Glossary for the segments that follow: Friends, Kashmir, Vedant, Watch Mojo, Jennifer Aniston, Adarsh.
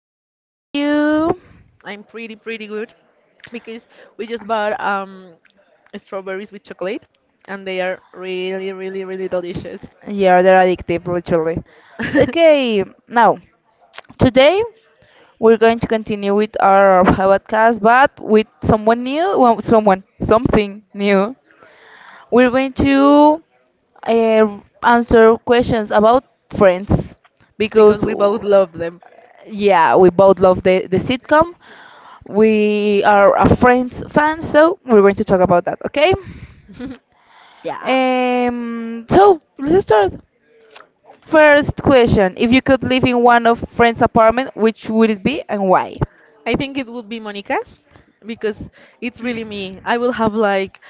How are you? I'm pretty good because we just bought strawberries with chocolate and they are really really really delicious. Yeah, they're addictive, literally. Okay, now, today we're going to continue with our podcast, but with someone new, well, someone, something new. We're going to answer questions about friends Because because, we both love them. yeah, we both love the sitcom. We are a friends fan, so we're going to talk about that, okay? Yeah. So let's start. First question: If you could live in one of friend's apartment, which would it be and why? I think it would be Monica's because it's really me. I will have like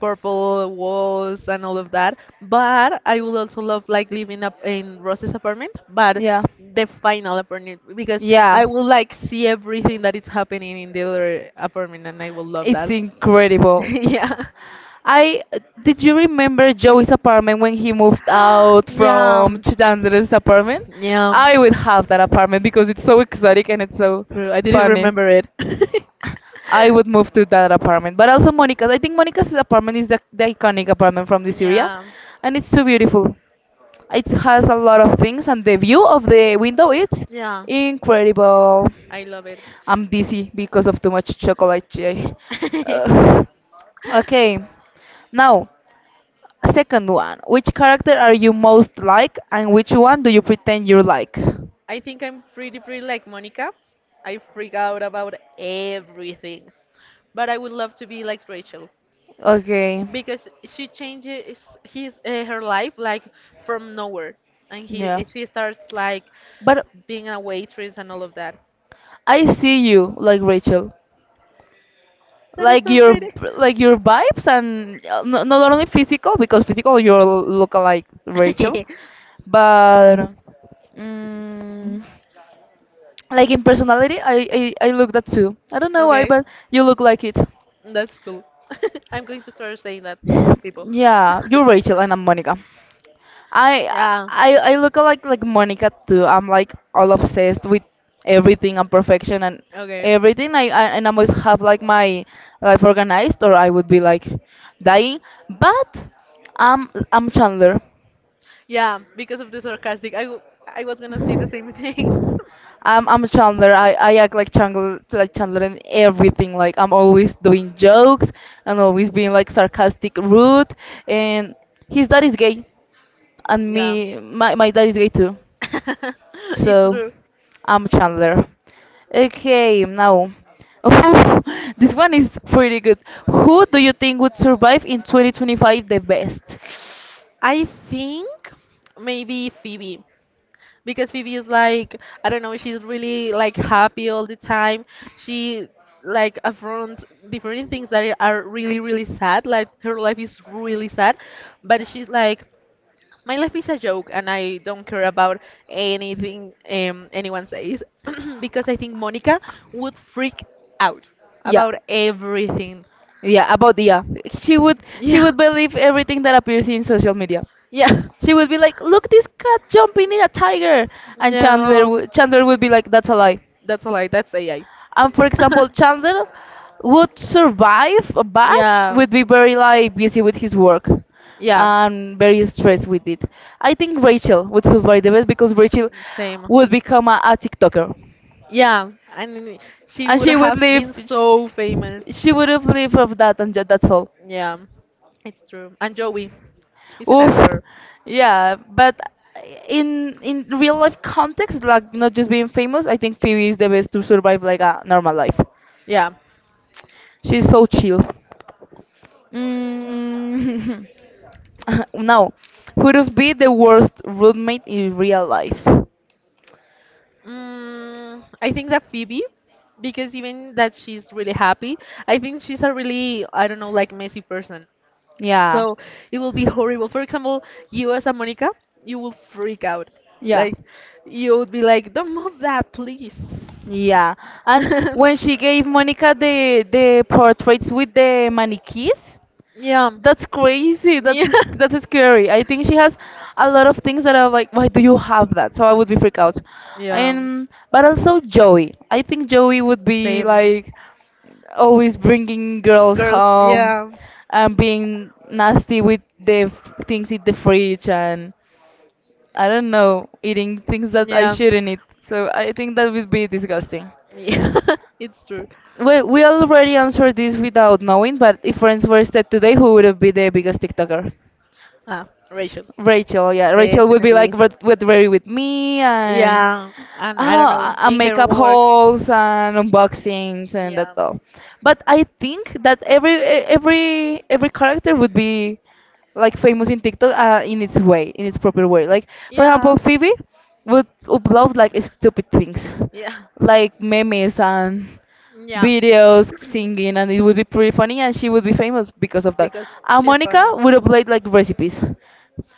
purple walls and all of that, but I would also love like living up in Rose's apartment, but Yeah, the final apartment because yeah, I will like see everything that is happening in the other apartment and I will love it's that. incredible. Yeah. I did you remember Joey's apartment when he moved out Yeah. from Chandler's apartment? Yeah. I would have that apartment because it's so exotic and it's It's so true. I didn't funny. remember it. I would move to that apartment. But also Monica's. I think Monica's apartment is the iconic apartment from this area, Yeah, and it's so beautiful. It has a lot of things, and the view of the window is yeah, incredible. I love it. I'm dizzy because of too much chocolate. Jay. Ugh. Okay, now, second one. Which character are you most like, and which one do you pretend you like? I think I'm pretty, pretty like Monica. I freak out about everything, but I would love to be like Rachel Okay, because she changes his her life like from nowhere, and he yeah, she starts like but being a waitress and all of that. I see you like Rachel, That is like so your pretty. Vibes, and not only physical because physical you look like Rachel, but Mm, like in personality, I look that too. I don't know why, Okay. but you look like it. That's cool. I'm going to start saying that to people. Yeah, you're Rachel and I'm Monica. I Yeah. I look like Monica too. I'm like all obsessed with everything and perfection and Okay. everything. I and I must have like my life organized or I would be like dying. But I'm Chandler. Yeah, because of the sarcastic, I was gonna say the same thing. I'm Chandler. I act like Chandler in everything. Like I'm always doing jokes and always being like sarcastic, rude. And his dad is gay, and Yeah. me my my dad is gay too. It's So true. I'm Chandler. Okay, now. Oof, this one is pretty good. Who do you think would survive in 2025 the best? I think maybe Phoebe, because Phoebe is like I don't know, she's really like happy all the time. She like affront different things that are really really sad. Like her life is really sad, but she's like my life is a joke and I don't care about anything anyone says. Because I think Monica would freak out Yeah. about everything. Yeah, about the yeah. She would she Yeah. would believe everything that appears in social media. Yeah. She would be like, "Look, this cat jumping in a tiger," and No. Chandler would be like, "That's a lie." That's a lie. That's AI. And for example, Chandler would survive a bat Yeah. would be very like busy with his work Yeah. and very stressed with it. I think Rachel would survive the best because Rachel Same. would become a TikToker, Yeah, and she and would she would have live. been so She, famous. she would have lived of that, and that's all. Yeah, it's true. And Joey, he's an Oof, actor. yeah, but in real life context, like not just being famous, I think Phoebe is the best to survive like a normal life. Yeah. She's so chill. Mm. No, who would be the worst roommate in real life? Mm, I think that Phoebe, because even that she's really happy, I think she's a really, I don't know, like messy person. Yeah, So it will be horrible. For example, you as a Monica, you will freak out. yeah, Like, you would be like, don't move that, please. yeah. And when she gave Monica the portraits with the mannequins, Yeah. that's crazy. Yeah. That's scary. I think she has a lot of things that are like, why do you have that? So I would be freaked out. And but also Joey. I think Joey would Yeah, be same. like always bringing girls Girls, home yeah. and being nasty with the things in the fridge and I don't know, eating things that I Yeah. shouldn't eat. So I think that would be disgusting. Yeah, it's true. Well, we already answered this without knowing, but if friends were set today, who would be the biggest TikToker? Ah, Rachel. Rachel, yeah, Rachel would be like Definitely. with very with me Yeah, and I don't know, and in her makeup work. hauls and unboxings and that Yeah. all. But I think that every e- every every character would be like famous in TikTok, in its way, in its proper way. Like for example, Yeah. Phoebe would upload like stupid things, Yeah. like memes and Yeah. videos singing and it would be pretty funny and she would be famous because of that, Because and she's Monica funny. would upload like recipes.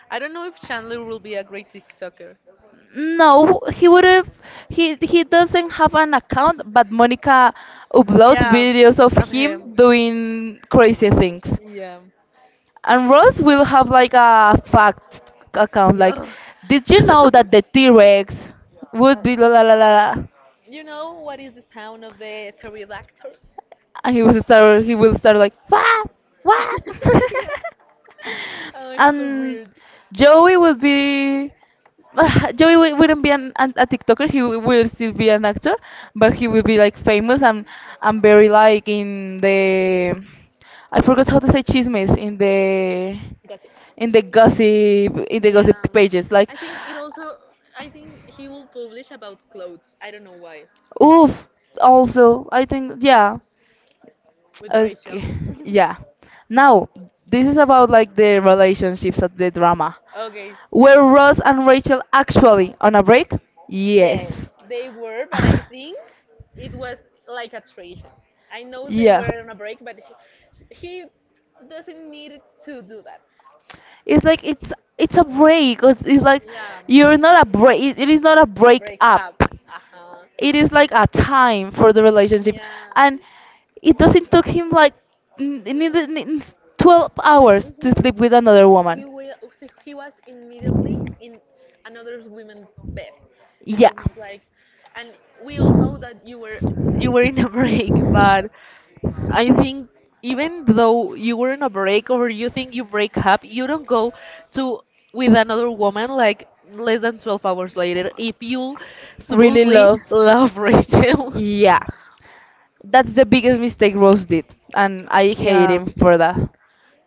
I don't know if Chandler will be a great TikToker. No, he would have. He doesn't have an account, but Monica uploads Yeah, videos of of him him. doing crazy things. Yeah. Yeah. And Ross will have like a fact account, like, did you know that the T Rex would be la la la la? Uh, La?" you know what is the sound of the pterodactyl? And he will start like wah wah Yeah. Oh, he's so and weird. Joey would be Joey wouldn't be a TikToker, he will still be an actor but he will be like famous and very like in the I forgot how to say chismes in the Gossip. in the gossip in the Yeah. gossip pages like I think it also. I think he will publish about clothes. I don't know why. oof also I think yeah. With Rachel. Okay, yeah. Now, this is about like the relationships of the drama. Okay, Were Ross and Rachel actually on a break? yes, Yes. they were, but I think it was like a tradition. I know they yeah. were on a break, but he doesn't need to do that. It's like it's a break. It's like Yeah, you're not a break. It is not a break break up. up. Uh huh. It is like a time for the relationship, Yeah. and it doesn't took him like n- neither- n- 12 hours to Mhm. sleep with another He woman. will. He was immediately in another woman's bed, and Yeah, it was like, and we all know that you were in a break, but I think even though you were in a break or you think you break up, you don't go to with another woman like less than 12 hours later if you really supposedly love. love Rachel. Yeah, that's the biggest mistake Rose did, and I hate Yeah. him for that.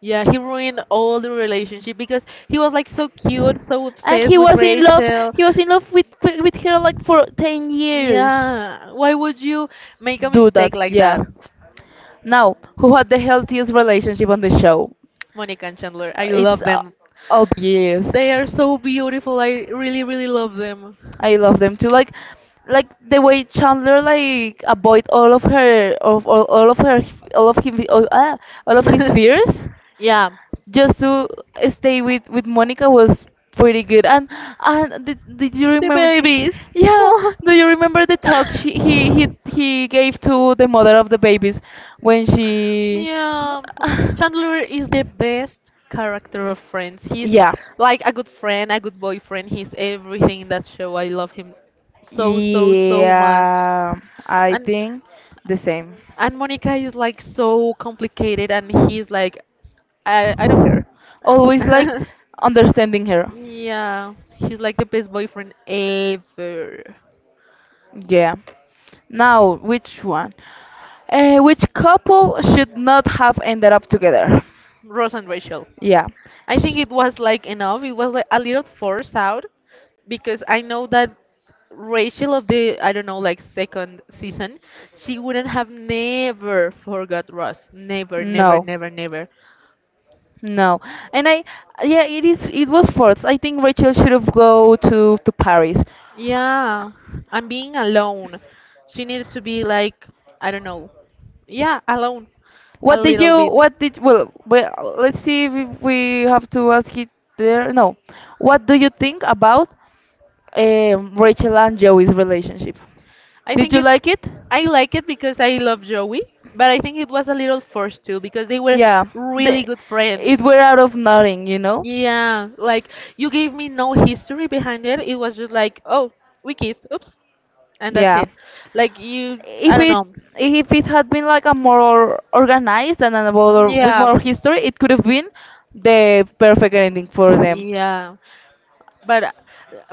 Yeah, he ruined all the relationship because he was like so cute, so And obsessed he with was in love. Rachel. He was in love with her like for 10 years. Yeah, why would you make a Do that, mistake like yeah. that? Now, who had the healthiest relationship on the show? Monica and Chandler, I It's love them. obvious. They are so beautiful. I really, really love them. I love them too. Like, the way Chandler like avoid all of him, all, ah, all of his fears. Yeah, Just to stay with Monica was pretty good. And did, you the remember? babies. Yeah, do you remember the talk she Oh. he gave to the mother of the babies when she? Yeah, Chandler is the best character of Friends. He's yeah, like a good friend, a good boyfriend. He's everything in that show. I love him so, so, so much. yeah, I And think the same. and Monica is like so complicated, and he's like, I don't care. Always like understanding her. Yeah, he's like the best boyfriend ever. Yeah. Now, which one? Which couple should not have ended up together? Ross and Rachel. Yeah. I think it was like enough. It was like a little forced out because I know that Rachel of the I don't know like second season, she wouldn't have never forgot Ross. Never, never, No, never, never. no. And I, yeah, it is. It was forced. I think Rachel should have go to Paris. Yeah, I'm being alone. She needed to be like I don't know. Yeah, alone, a What did little you? bit. What did? Well, let's see if we have to ask it there. No. What do you think about Rachel and Joey's relationship? I Did think you it. like it? I like it because I love Joey, but I think it was a little forced too because they were Yeah. really They, good it friends. were out of nothing, you know? Yeah, like you gave me no history behind it. It was just like, oh, we kissed, oops, and that's Yeah. it. Like you, I If don't it know. if it had been like a more organized and with more Yeah. history, it could have been the perfect ending for them. Yeah, but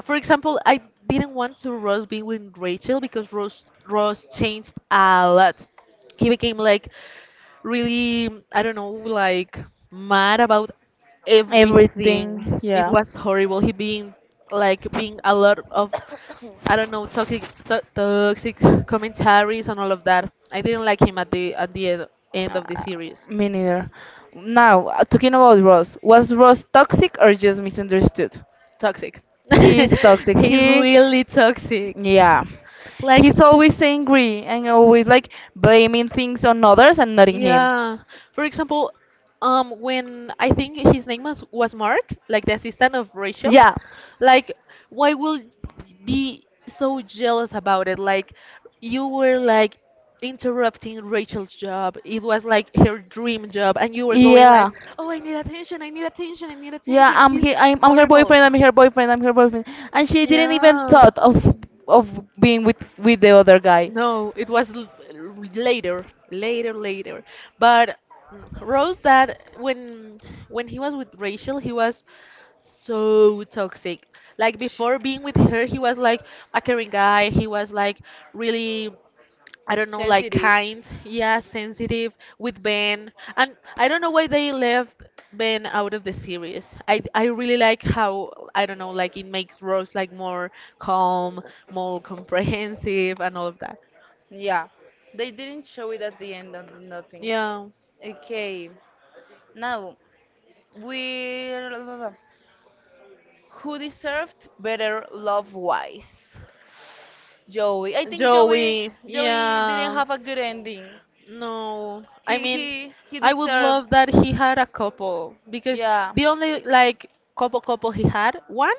for example, I didn't want to Rose being with Rachel because Rose changed a lot. He became like really, I don't know, like mad about Everything, everything. It yeah. was horrible. He being like being a lot of I don't know toxic to toxic commentaries and all of that. I didn't like him at the end Uh, of the series. me neither. Now, talking about Ross, was Ross toxic or just misunderstood? Toxic. He is toxic. He's really toxic. Yeah. Like. He's always angry and always like blaming things on others and not in him. Yeah. For example, when I think his name was Mark, like the assistant of Rachel, Yeah, like why will be so jealous about it? Like you were like interrupting Rachel's job. It was like her dream job, and you were going like, yeah. "Oh, I need attention! I need attention! I need Yeah, attention! I'm He's here. I'm her horrible." boyfriend. I'm her boyfriend. I'm her boyfriend. And she didn't even Yeah. thought of being with the other guy. No, it was later, later, later. But Rose, that when he was with Rachel, he was so toxic. Like Ch- before being with her, he was like a caring guy. He was like really I don't know, like sensitive. kind, yeah, sensitive with Ben. And I don't know why they left Ben out of the series. I really like how I don't know, like it makes Rose like more calm, more comprehensive and all of that. Yeah, they didn't show it at the end of nothing. Yeah. Okay, now we who deserved better love wise? Joey. I think Joey, Joey didn't yeah. have a good ending. No, I He mean, he he I would deserved. love that he had a couple because Yeah, the only like couple he had one,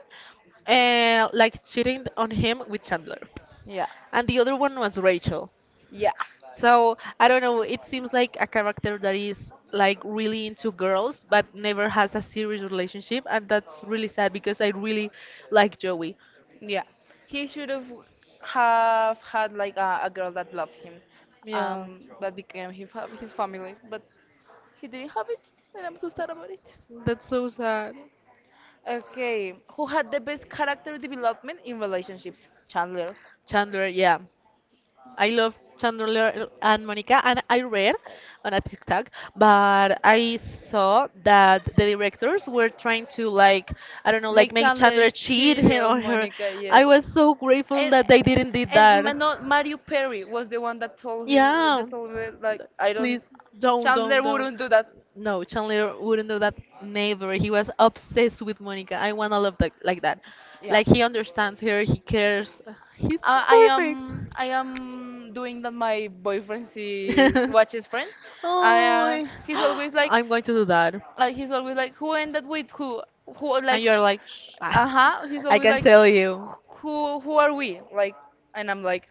like cheating on him with Chandler, yeah, and the other one was Rachel. yeah. So I don't know. It seems like a character that is like really into girls but never has a serious relationship, and that's really sad because I really like Joey. Yeah, he should have had like a girl that loved him, Yeah, that became his his family. But he didn't have it, and I'm so sad about it. that's so sad. Okay, who had the best character development in relationships? Chandler. Chandler, yeah. I love Chandler and Monica, and I read on a TikTok, but I saw that the directors were trying to like I don't know, like Make make Chandler Chandler cheat cheat him on or her. Monica. I Yes, was so grateful and that they didn't did and that. not Mario Perry was the one that told him Yeah, that told me like I please don't Chandler don't, don't. wouldn't do that. No, Chandler wouldn't do that. Never. He was obsessed with Monica. I want all love that. Yeah. Like he understands her. He cares. He's I perfect. am doing that. My boyfriend sees watches Friends, and Oh, I'm going to do that. He's always like, who ended with who? Who And like, you're like, shh. uh Ah, huh. He's I always can like, tell you. Who are we? Like, and I'm like,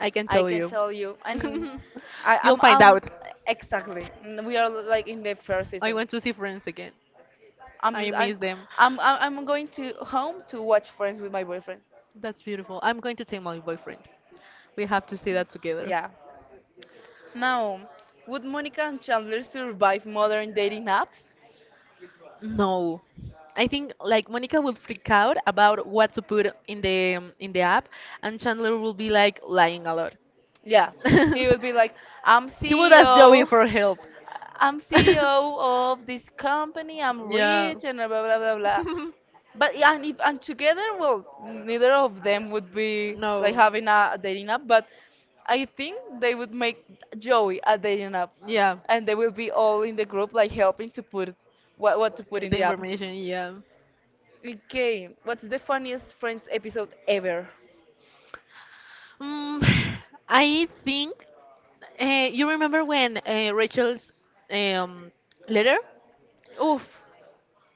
I can I tell can you. tell you, and I You'll I'm, find I out. exactly. We are like in the first I season. want to see friends again. I'm I miss I'm them. I'm going to home to watch Friends with my boyfriend. That's beautiful. I'm going to take my boyfriend. We have to see that together. Yeah. Now, would Monica and Chandler survive modern dating apps? No. I think like Monica will freak out about what to put in the app and Chandler will be like lying a lot. Yeah. Yeah, he would be like, He would I'm ask CEO Joey CEO, for help. I'm CEO of this company, I'm Yeah. rich, and blah blah blah blah. But yeah, and together, well, neither of them would be like No. having a dating app. But I think they would make Joey a dating app, Yeah. and they will be all in the group like helping to put what to put in The the app. information, yeah. Okay, what's the funniest Friends episode ever? Mm. I think uh, you remember when Rachel's um, letter. Oof.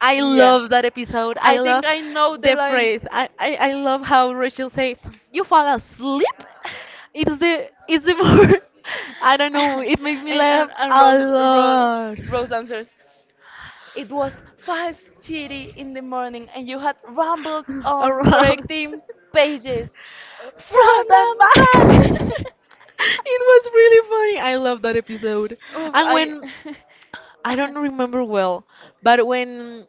I Yeah. love that episode. I I love think I know the the line. phrase. I love how Rachel says, "You fall asleep." It's the more I don't know. It makes me and laugh and a Rose, lot. Rose answers, it was 5:30 in the morning and you had rambled on for Around 18 pages. From front and and back. back! It was really funny. I love that episode. Oof, And I. when I don't remember well, but when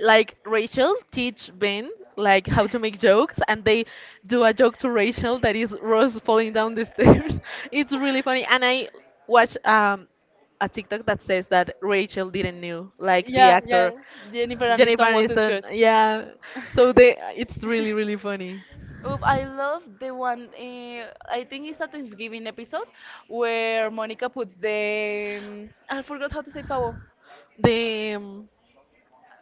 like Rachel teach Ben like how to make jokes and they do a joke to Rachel that is Rose falling down the stairs. It's really funny and I watch a TikTok that says that Rachel didn't knew like the Yeah, actor yeah. Jennifer Jennifer Aniston was Aniston. scared. Yeah. So they it's really really funny. Oof, I love the one, I think it's a Thanksgiving episode where Monica puts the. I forgot how to say pavo. The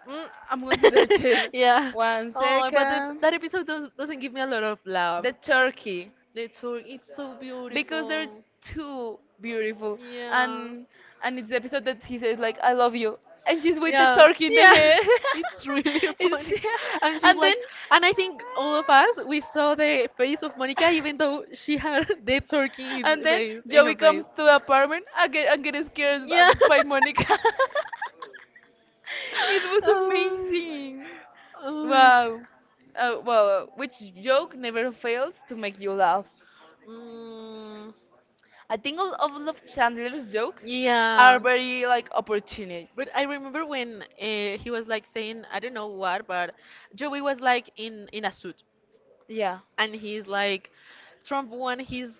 Mm. I'm going to search it. Yeah. One Oh, but the, second. that episode doesn't give me a lot of love. The turkey. The tour, it's so Because they're beautiful. too beautiful Yeah. and it's the episode that he says like I love you and she's with the Yeah. turkey in the Yeah. head. It's really it's funny. And she's and then like, and I think all of us, we saw the face of Monica, even though she had the turkey in his and then face, in her Joey face. comes to the apartment again, and get scared by, Yeah. Monica it was Oh, amazing. oh. Wow. Well, which joke never fails to make you laugh? Mm, I think all of Love Chandler's jokes yeah. are very like opportunity. But I remember when he was like saying, I don't know what, but Joey was like in a suit, Yeah. and he's like, Trump won his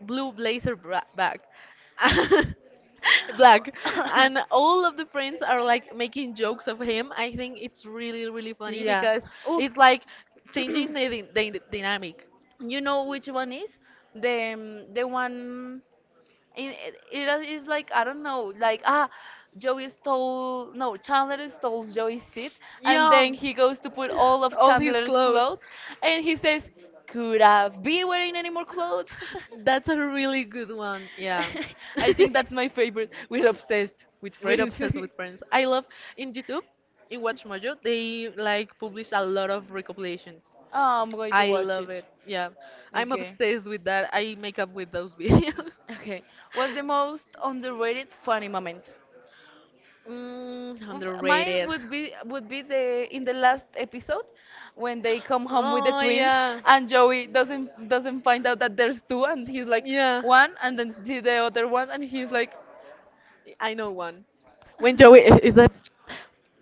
blue blazer bra back, black, and all of the friends are like making jokes of him. I think it's really really funny Yeah. because Oof. it's like changing the dynamic. You know which one is the one. It is like I don't know, like Joey stole no Chandler stole Joey's seat, and Yeah, then think he he goes goes to to put put all all of of all his Chandler's clothes. clothes, and he says, "Could I be wearing any more clothes?" That's a really good one. Yeah. I think that's my favorite. We're obsessed with We're Friends. obsessed with friends. I love in YouTube, in Watch Mojo, they like publish a lot of recompilations. Oh, I'm going to I watch love it. it. Yeah. I'm Okay. obsessed with that. I make up with those videos. Okay. What's the most underrated funny moment? Mm, Oof, mine underrated. would be the in the last episode when they come home with the Oh twins yeah. and Joey doesn't find out that there's two and he's like Yeah. one and then see the other one and he's like I know one. When Joey is that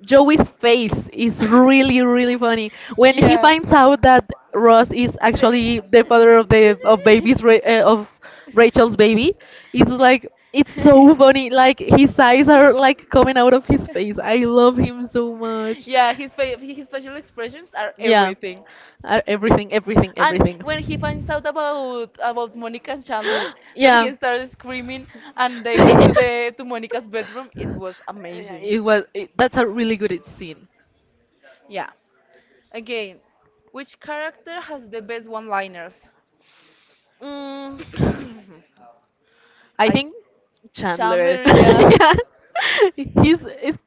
Joey's face is really really funny when he yeah. finds out that Ross is The- actually the father of the of baby's Ra- of Rachel's baby. It's like it's so funny. Like his eyes are like coming out of his face. I love him so much. Yeah, his his facial expressions are Yeah, everything. Everything, everything, And everything. when he finds out about Monica and Chandler, that Yeah. he started screaming and they went to the to Monica's bedroom, it was Yeah, amazing. it was. That's a really good scene. Yeah. Again, which character has the best one-liners? Mm, I I think Chandler. Chandler, yeah. Yeah. He's it's,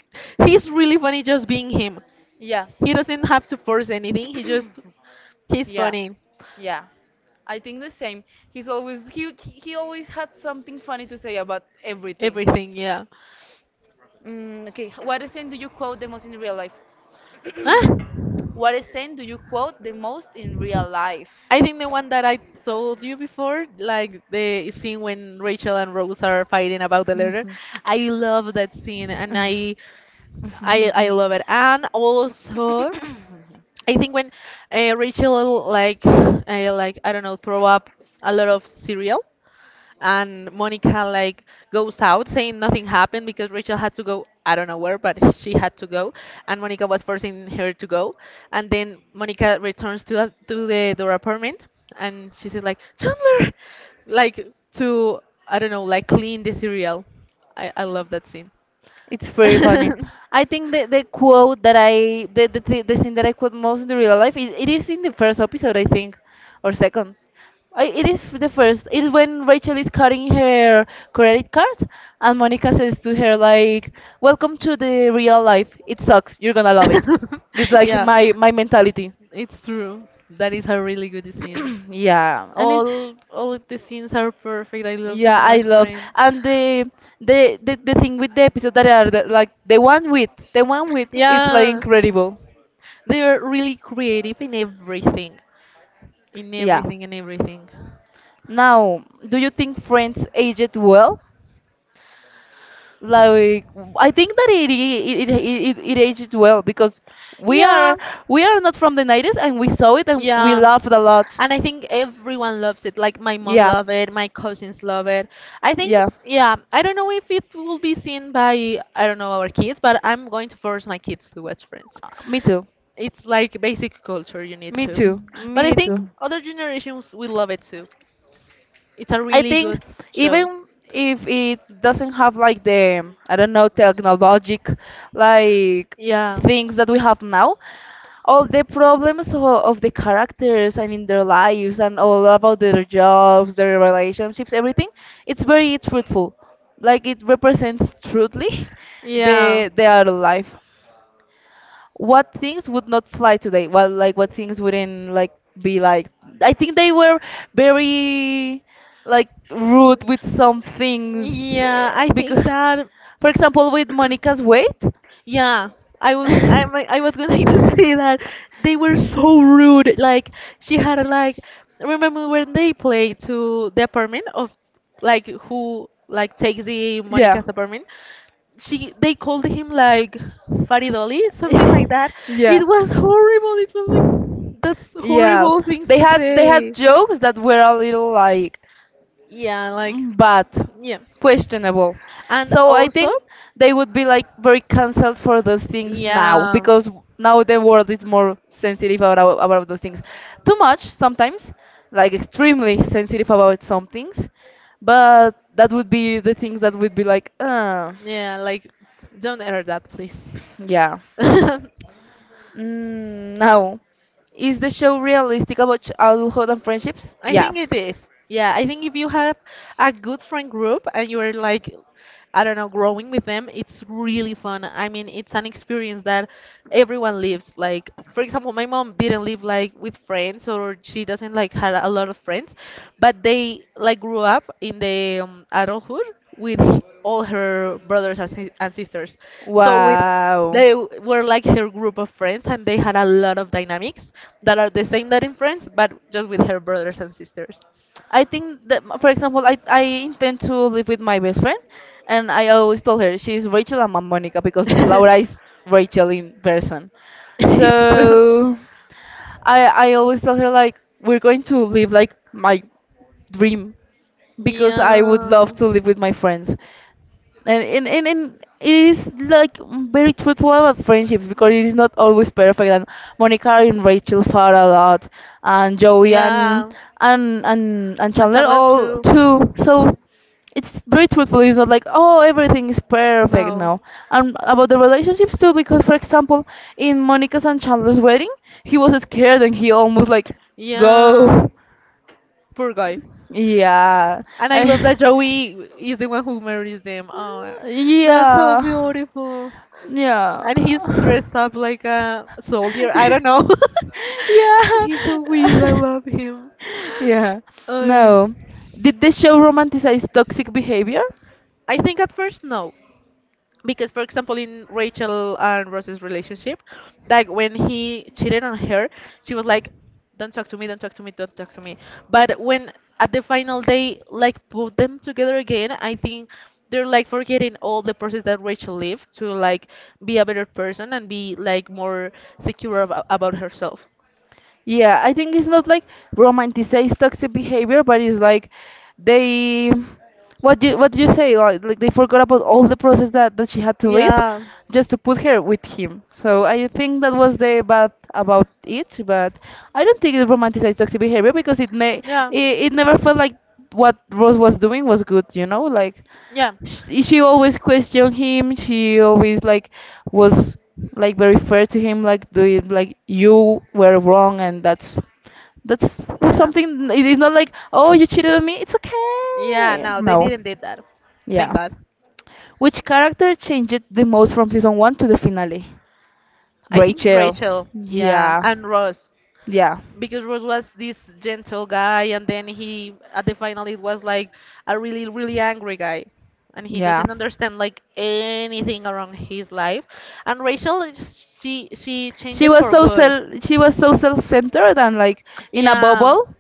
he's really funny just being him. Yeah. He doesn't have to force anything. He's Yeah. funny. Yeah. I think the same. He's always he always had something funny to say about everything. Everything, yeah. Mm, okay, what scene do you quote the most in real life? Ah! What scene do you quote the most in real life? I think the one that I told you before, like the scene when Rachel and Rose are fighting about the letter. I love that scene and I love it. And also, I think when Rachel like I don't know, throw up a lot of cereal and Monica like goes out saying nothing happened because Rachel had to go I don't know where, but she had to go and Monica was forcing her to go and then Monica returns to to the door apartment and she says like Chandler, like to I don't know, like clean the cereal. I love that scene. It's very funny. I think the quote that I the, the thing that I quote most in the real life is it is in the first episode I think or second. It is the first. It's when Rachel is cutting her credit card and Monica says to her like, "Welcome to the real life. It sucks. You're gonna love it." It's like Yeah. My mentality. It's true. That is a really good scene. Yeah, and it All of the scenes are perfect. I love so yeah, I much love Friends. and the thing with the episode that are like the one with it's like Yeah. incredible. They are really creative in everything. In Yeah. everything and everything. Now, do you think Friends aged well? Like, I think that it aged well because we are Yeah. we are not from the 90s and we saw it and we Yeah. laughed a lot. And I think everyone loves it. Like my mom Yeah, love it, my cousins love it. I think yeah. yeah, I don't know if it will be seen by I don't know our kids, but I'm going to force my kids to watch Friends. Me too. It's like basic culture you need Me to. too. But I Me think too. other generations will love it too. It's a I really think good show. even if it doesn't have like the I don't know technologic like Yeah. things that we have now, all the problems of the characters and in their lives and all about their jobs, their relationships, everything, it's very truthful. Like it represents truthly Yeah. The other life. What things would not fly today? Well, like what things wouldn't like be like? I think they were very like rude with some things Yeah, I think because, that. for example, with Monica's weight. Yeah, I was I I was going to say that they were so rude. Like she had a, like remember when they played to the apartment of like who like takes the Yeah. Monica's apartment? She they called him like Fatty Dolly, something like that. Yeah. It was horrible. It was like that's Yeah, horrible things they to had they say. had jokes that were a little like Yeah, like mm, bad, yeah, questionable. and So I also. think they would be like very cancelled for those things now Yeah. because now the world is more sensitive about those things. Too much sometimes, like extremely sensitive about some things, but that would be the things that would be like, Yeah, like don't error that, please. yeah. Mm, no. Is the show realistic about adulthood and friendships? I Yeah. think it is. Yeah, I think if you have a good friend group and you're like, I don't know, growing with them, it's really fun. I mean, it's an experience that everyone lives. Like, for example, my mom didn't live like with friends, or she doesn't like had a lot of friends, but they like grew up in the adulthood with all her brothers and sisters. So with Wow. Were like her group of friends and they had a lot of dynamics that are the same that in friends but just with her brothers and sisters. I think that, for example, I intend to live with my best friend, and I always told her she's Rachel and I'm Monica because Laura is Rachel in person. It's true. So I always tell her like we're going to live like my dream because I would Yeah. love to live with my friends and and it is like mm, very truthful about friendships because it is not always perfect and Monica and Rachel fought a lot and Joey and Yeah, and and Chandler Chandler all too. too. So it's very truthful. It's not like oh everything is perfect No. now. And about the relationships too because for example in Monica's and Chandler's wedding he was scared and he almost like Yeah, go. poor guy. Yeah. And I love I that Joey is the one who marries them. Oh, that's so Yeah. beautiful. And he's Yeah. dressed up like a soldier. I don't know. He's so weird. I Yeah. love him. Yeah. Uh, No. Did the show romanticize toxic behavior? I think at first no. Because for example in Rachel and Ross's relationship, like when he cheated on her, she was like don't talk to me, don't talk to me, don't talk to me. But when at the final they like put them together again, I think they're like forgetting all the process that Rachel lived to like be a better person and be like more about herself. Yeah, I think it's not like romanticize toxic behavior, but it's like they what do you say like they forgot about all the process that she had to live Yeah. just to put her with him. So I think that was the bad about it, but I don't think it romanticized toxic behavior because Yeah. it, it never felt like what Rose was doing was good, you know, like Yeah. She always questioned him. She always like was like very fair to him, like doing like you were wrong, and that's Yeah. something. It is not like oh you cheated on me. It's Yeah, okay. no, they No, didn't did that. Thank yeah. God. Which character changed the most from season one to the finale? I think it's Rachel. Rachel. Yeah, Yeah, and Ross. yeah. Because Ross was this gentle guy, and then he at the final it was like a really really angry guy, and he Yeah. doesn't understand like anything around his life. And Rachel, she changed She it was for so good. self she was so self-centered and like in a Yeah. bubble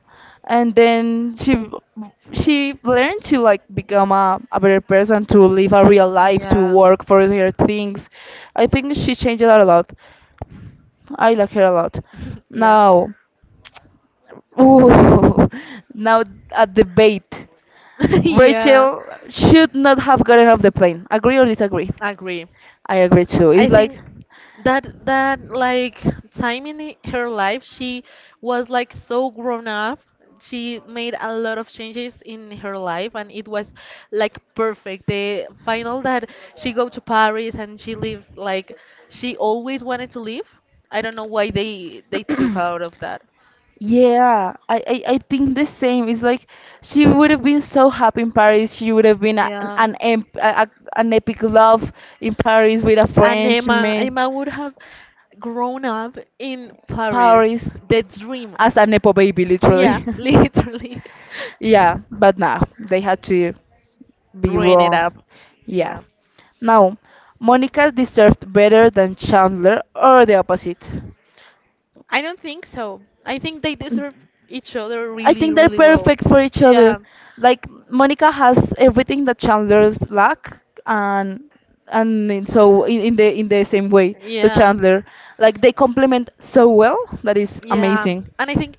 and then she learned to like become a better person to live a real life to Yeah. work for her things. I think she changed a lot. I like her a lot. Yeah. Now, ooh, now a debate. Yeah. Rachel should not have gotten off the plane. Agree or disagree? Agree. I agree too. I It's like, think that that like time in her life she was like so grown up. She made a lot of changes in her life and it was like perfect. The final that she go to Paris and she lives like she always wanted to live. I don't know why they took out of that. yeah, I think the same. It's like she would have been so happy in Paris. She would have been a, an, em- a- an epic love in Paris with a Emma, Frenchman. Emma would have grown up in Paris The dream. as a nepo baby, Yeah, literally. literally. Yeah, but nah, they had to be Ruin it wrong. up. Yeah. Yeah. Now, Monica deserved better than Chandler or the opposite. I don't think so. I think they deserve each other. I I think they're perfect for each other. Yeah. Like Monica has everything that Chandler's lack, and in the same way to Yeah. Chandler, like they complement so well that is Yeah, amazing. and I think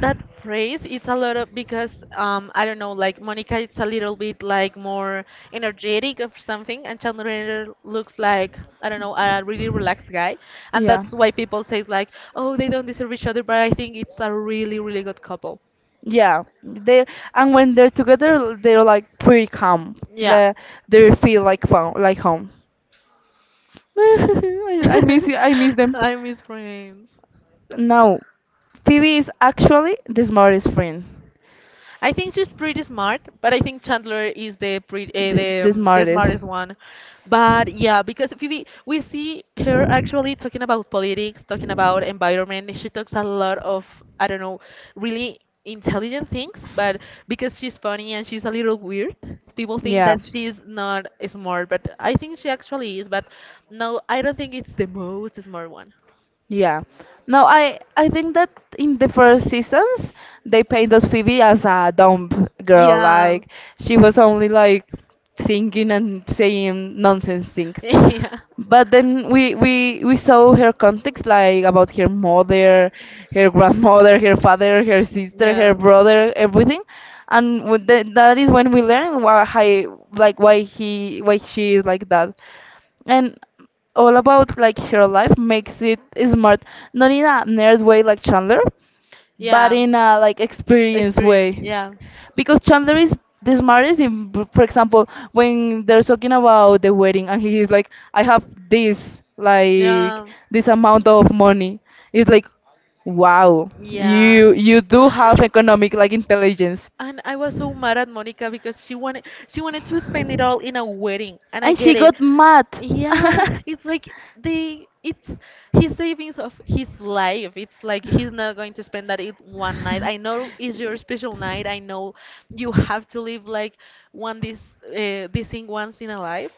that phrase it's a lot of because I don't know like Monica it's a little bit like more energetic or something, and Chandler looks like I don't know a really relaxed guy. And Yeah. that's why people say like oh they don't deserve each other, but I think it's a really really good couple. Yeah, they and when they're together, they're like pretty calm. Yeah. They they feel like fo like home. I miss you. I miss them. I miss Friends. Now, Phoebe is actually the smartest friend. I think she's pretty smart, but I think Chandler is the pre the smartest one. But yeah, because Phoebe, we see her actually talking about politics, talking about environment. She talks a lot of I don't know, really intelligent things. But because she's funny and she's a little weird, people think Yeah. that she's not smart. But I think she actually is. But no, I don't think it's the most smart one. Yeah. No, I think that in the first seasons they paint us Phoebe as a dumb girl. Yeah. Like she was only like singing and saying nonsense things. Yeah. But then we saw her context like about her mother, her grandmother, her father, her sister, her Yeah. brother, everything. And with that is when we learn why like why she is like that and all about like her life makes it smart, not in a nerd way like Chandler but Yeah. in a like experience way Experience. Yeah. because Chandler is the smartest in, for example when they're talking about the wedding and he is like I have this like Yeah. this amount of money. It's like wow, Yeah. you do have economic like intelligence, And I was so mad at Monica because she wanted to spend it all in a wedding, and I and get she it. got mad. Yeah, it's like they it's his savings of his life. It's like he's not going to spend that in one night. I know it's your special night. I know you have to live like one this this thing once in a life,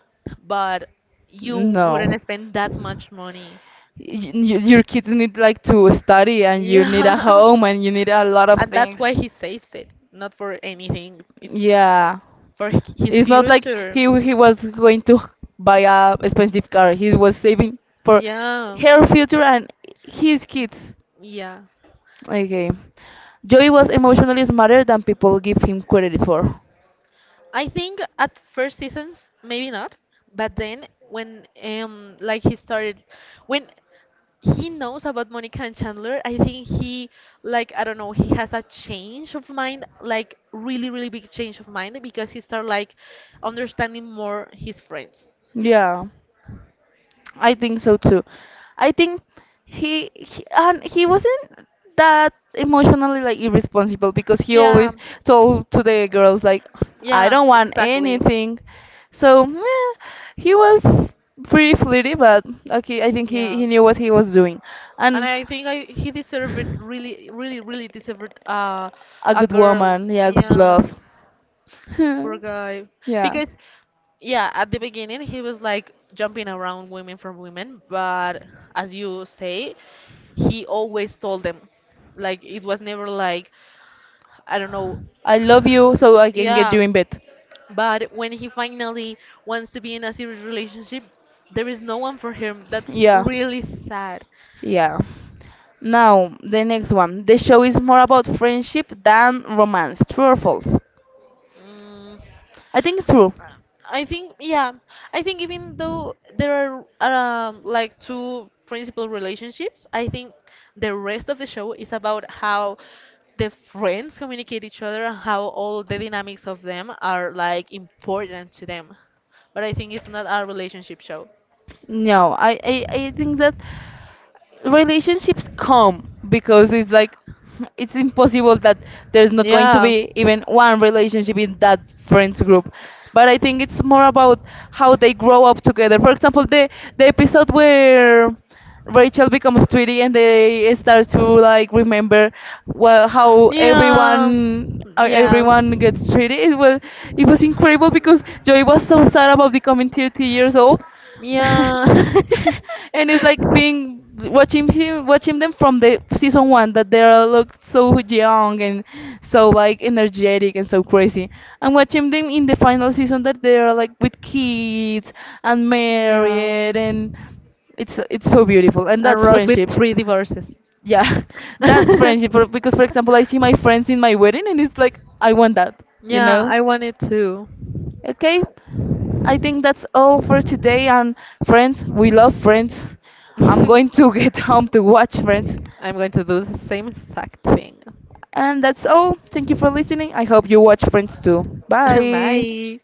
but you No. wouldn't spend Y- that much money. Your kids need like to study and you need Yeah. a home and you need a lot of And that's why things. he saves it, not for anything. It's Yeah. For his It's not like future. He was going to buy a expensive car. He was saving for Yeah. her future and his kids. Yeah. Okay. Joey was emotionally smarter than people give him credit for. I think at first seasons maybe not, but then when like he started when he knows about Monica and Chandler, I think he like I don't know, he has a change of mind, like really really big change of mind because he start like understanding more his friends. Yeah. I think so too. I think he wasn't that emotionally like irresponsible because he Yeah. always told to the girls like I Yeah, don't want exactly. anything. So meh, he was pretty flirty, but okay, I think Yeah. he knew what he was doing, And and I think I he deserved it really, really, really deserved a a good girl. woman, yeah, good Yeah, love, poor guy. yeah. Because yeah, at the beginning he was like jumping around women for women, but as you say, he always told them. Like it was never like I don't know. I love you, so I can get Yeah. you in bed. But when he finally wants to be in a serious relationship, there is no one for him. That's Yeah, really sad. yeah. Now, the next one. The show is more about friendship than romance. True or false? Mm, I think it's true. I think, yeah, I think even though there are like two principal relationships, I think the rest of the show is about how the friends communicate each other and how all the dynamics of them are like important to them. But I think it's not a relationship show. No, I think that relationships come because it's like it's impossible that there's not going to be even one relationship in that friends group. But I think it's more about how they grow up together. For example, the episode where Rachel becomes Tweety, and they start to like remember well, how How everyone joy everyone gets treated. It was incredible because Joey was so sad about becoming 30 years old, and yeah. it's like being watching him watching them from the season one that they are look so young and so like energetic and so crazy. And watching them in the final season that they are like with kids and Yeah. married and it's so beautiful and And that's Ross with friendship. three divorces. Yeah. That's friendship. Because for example I see my friends in my wedding and it's like I want that, you Yeah, know. I wanted to. Okay, I think that's all for today, and friends, we love Friends. I'm going to get home to watch Friends, I'm going to do the same exact thing. and that's all. Thank you for listening. I hope you watch Friends too. Bye. Bye.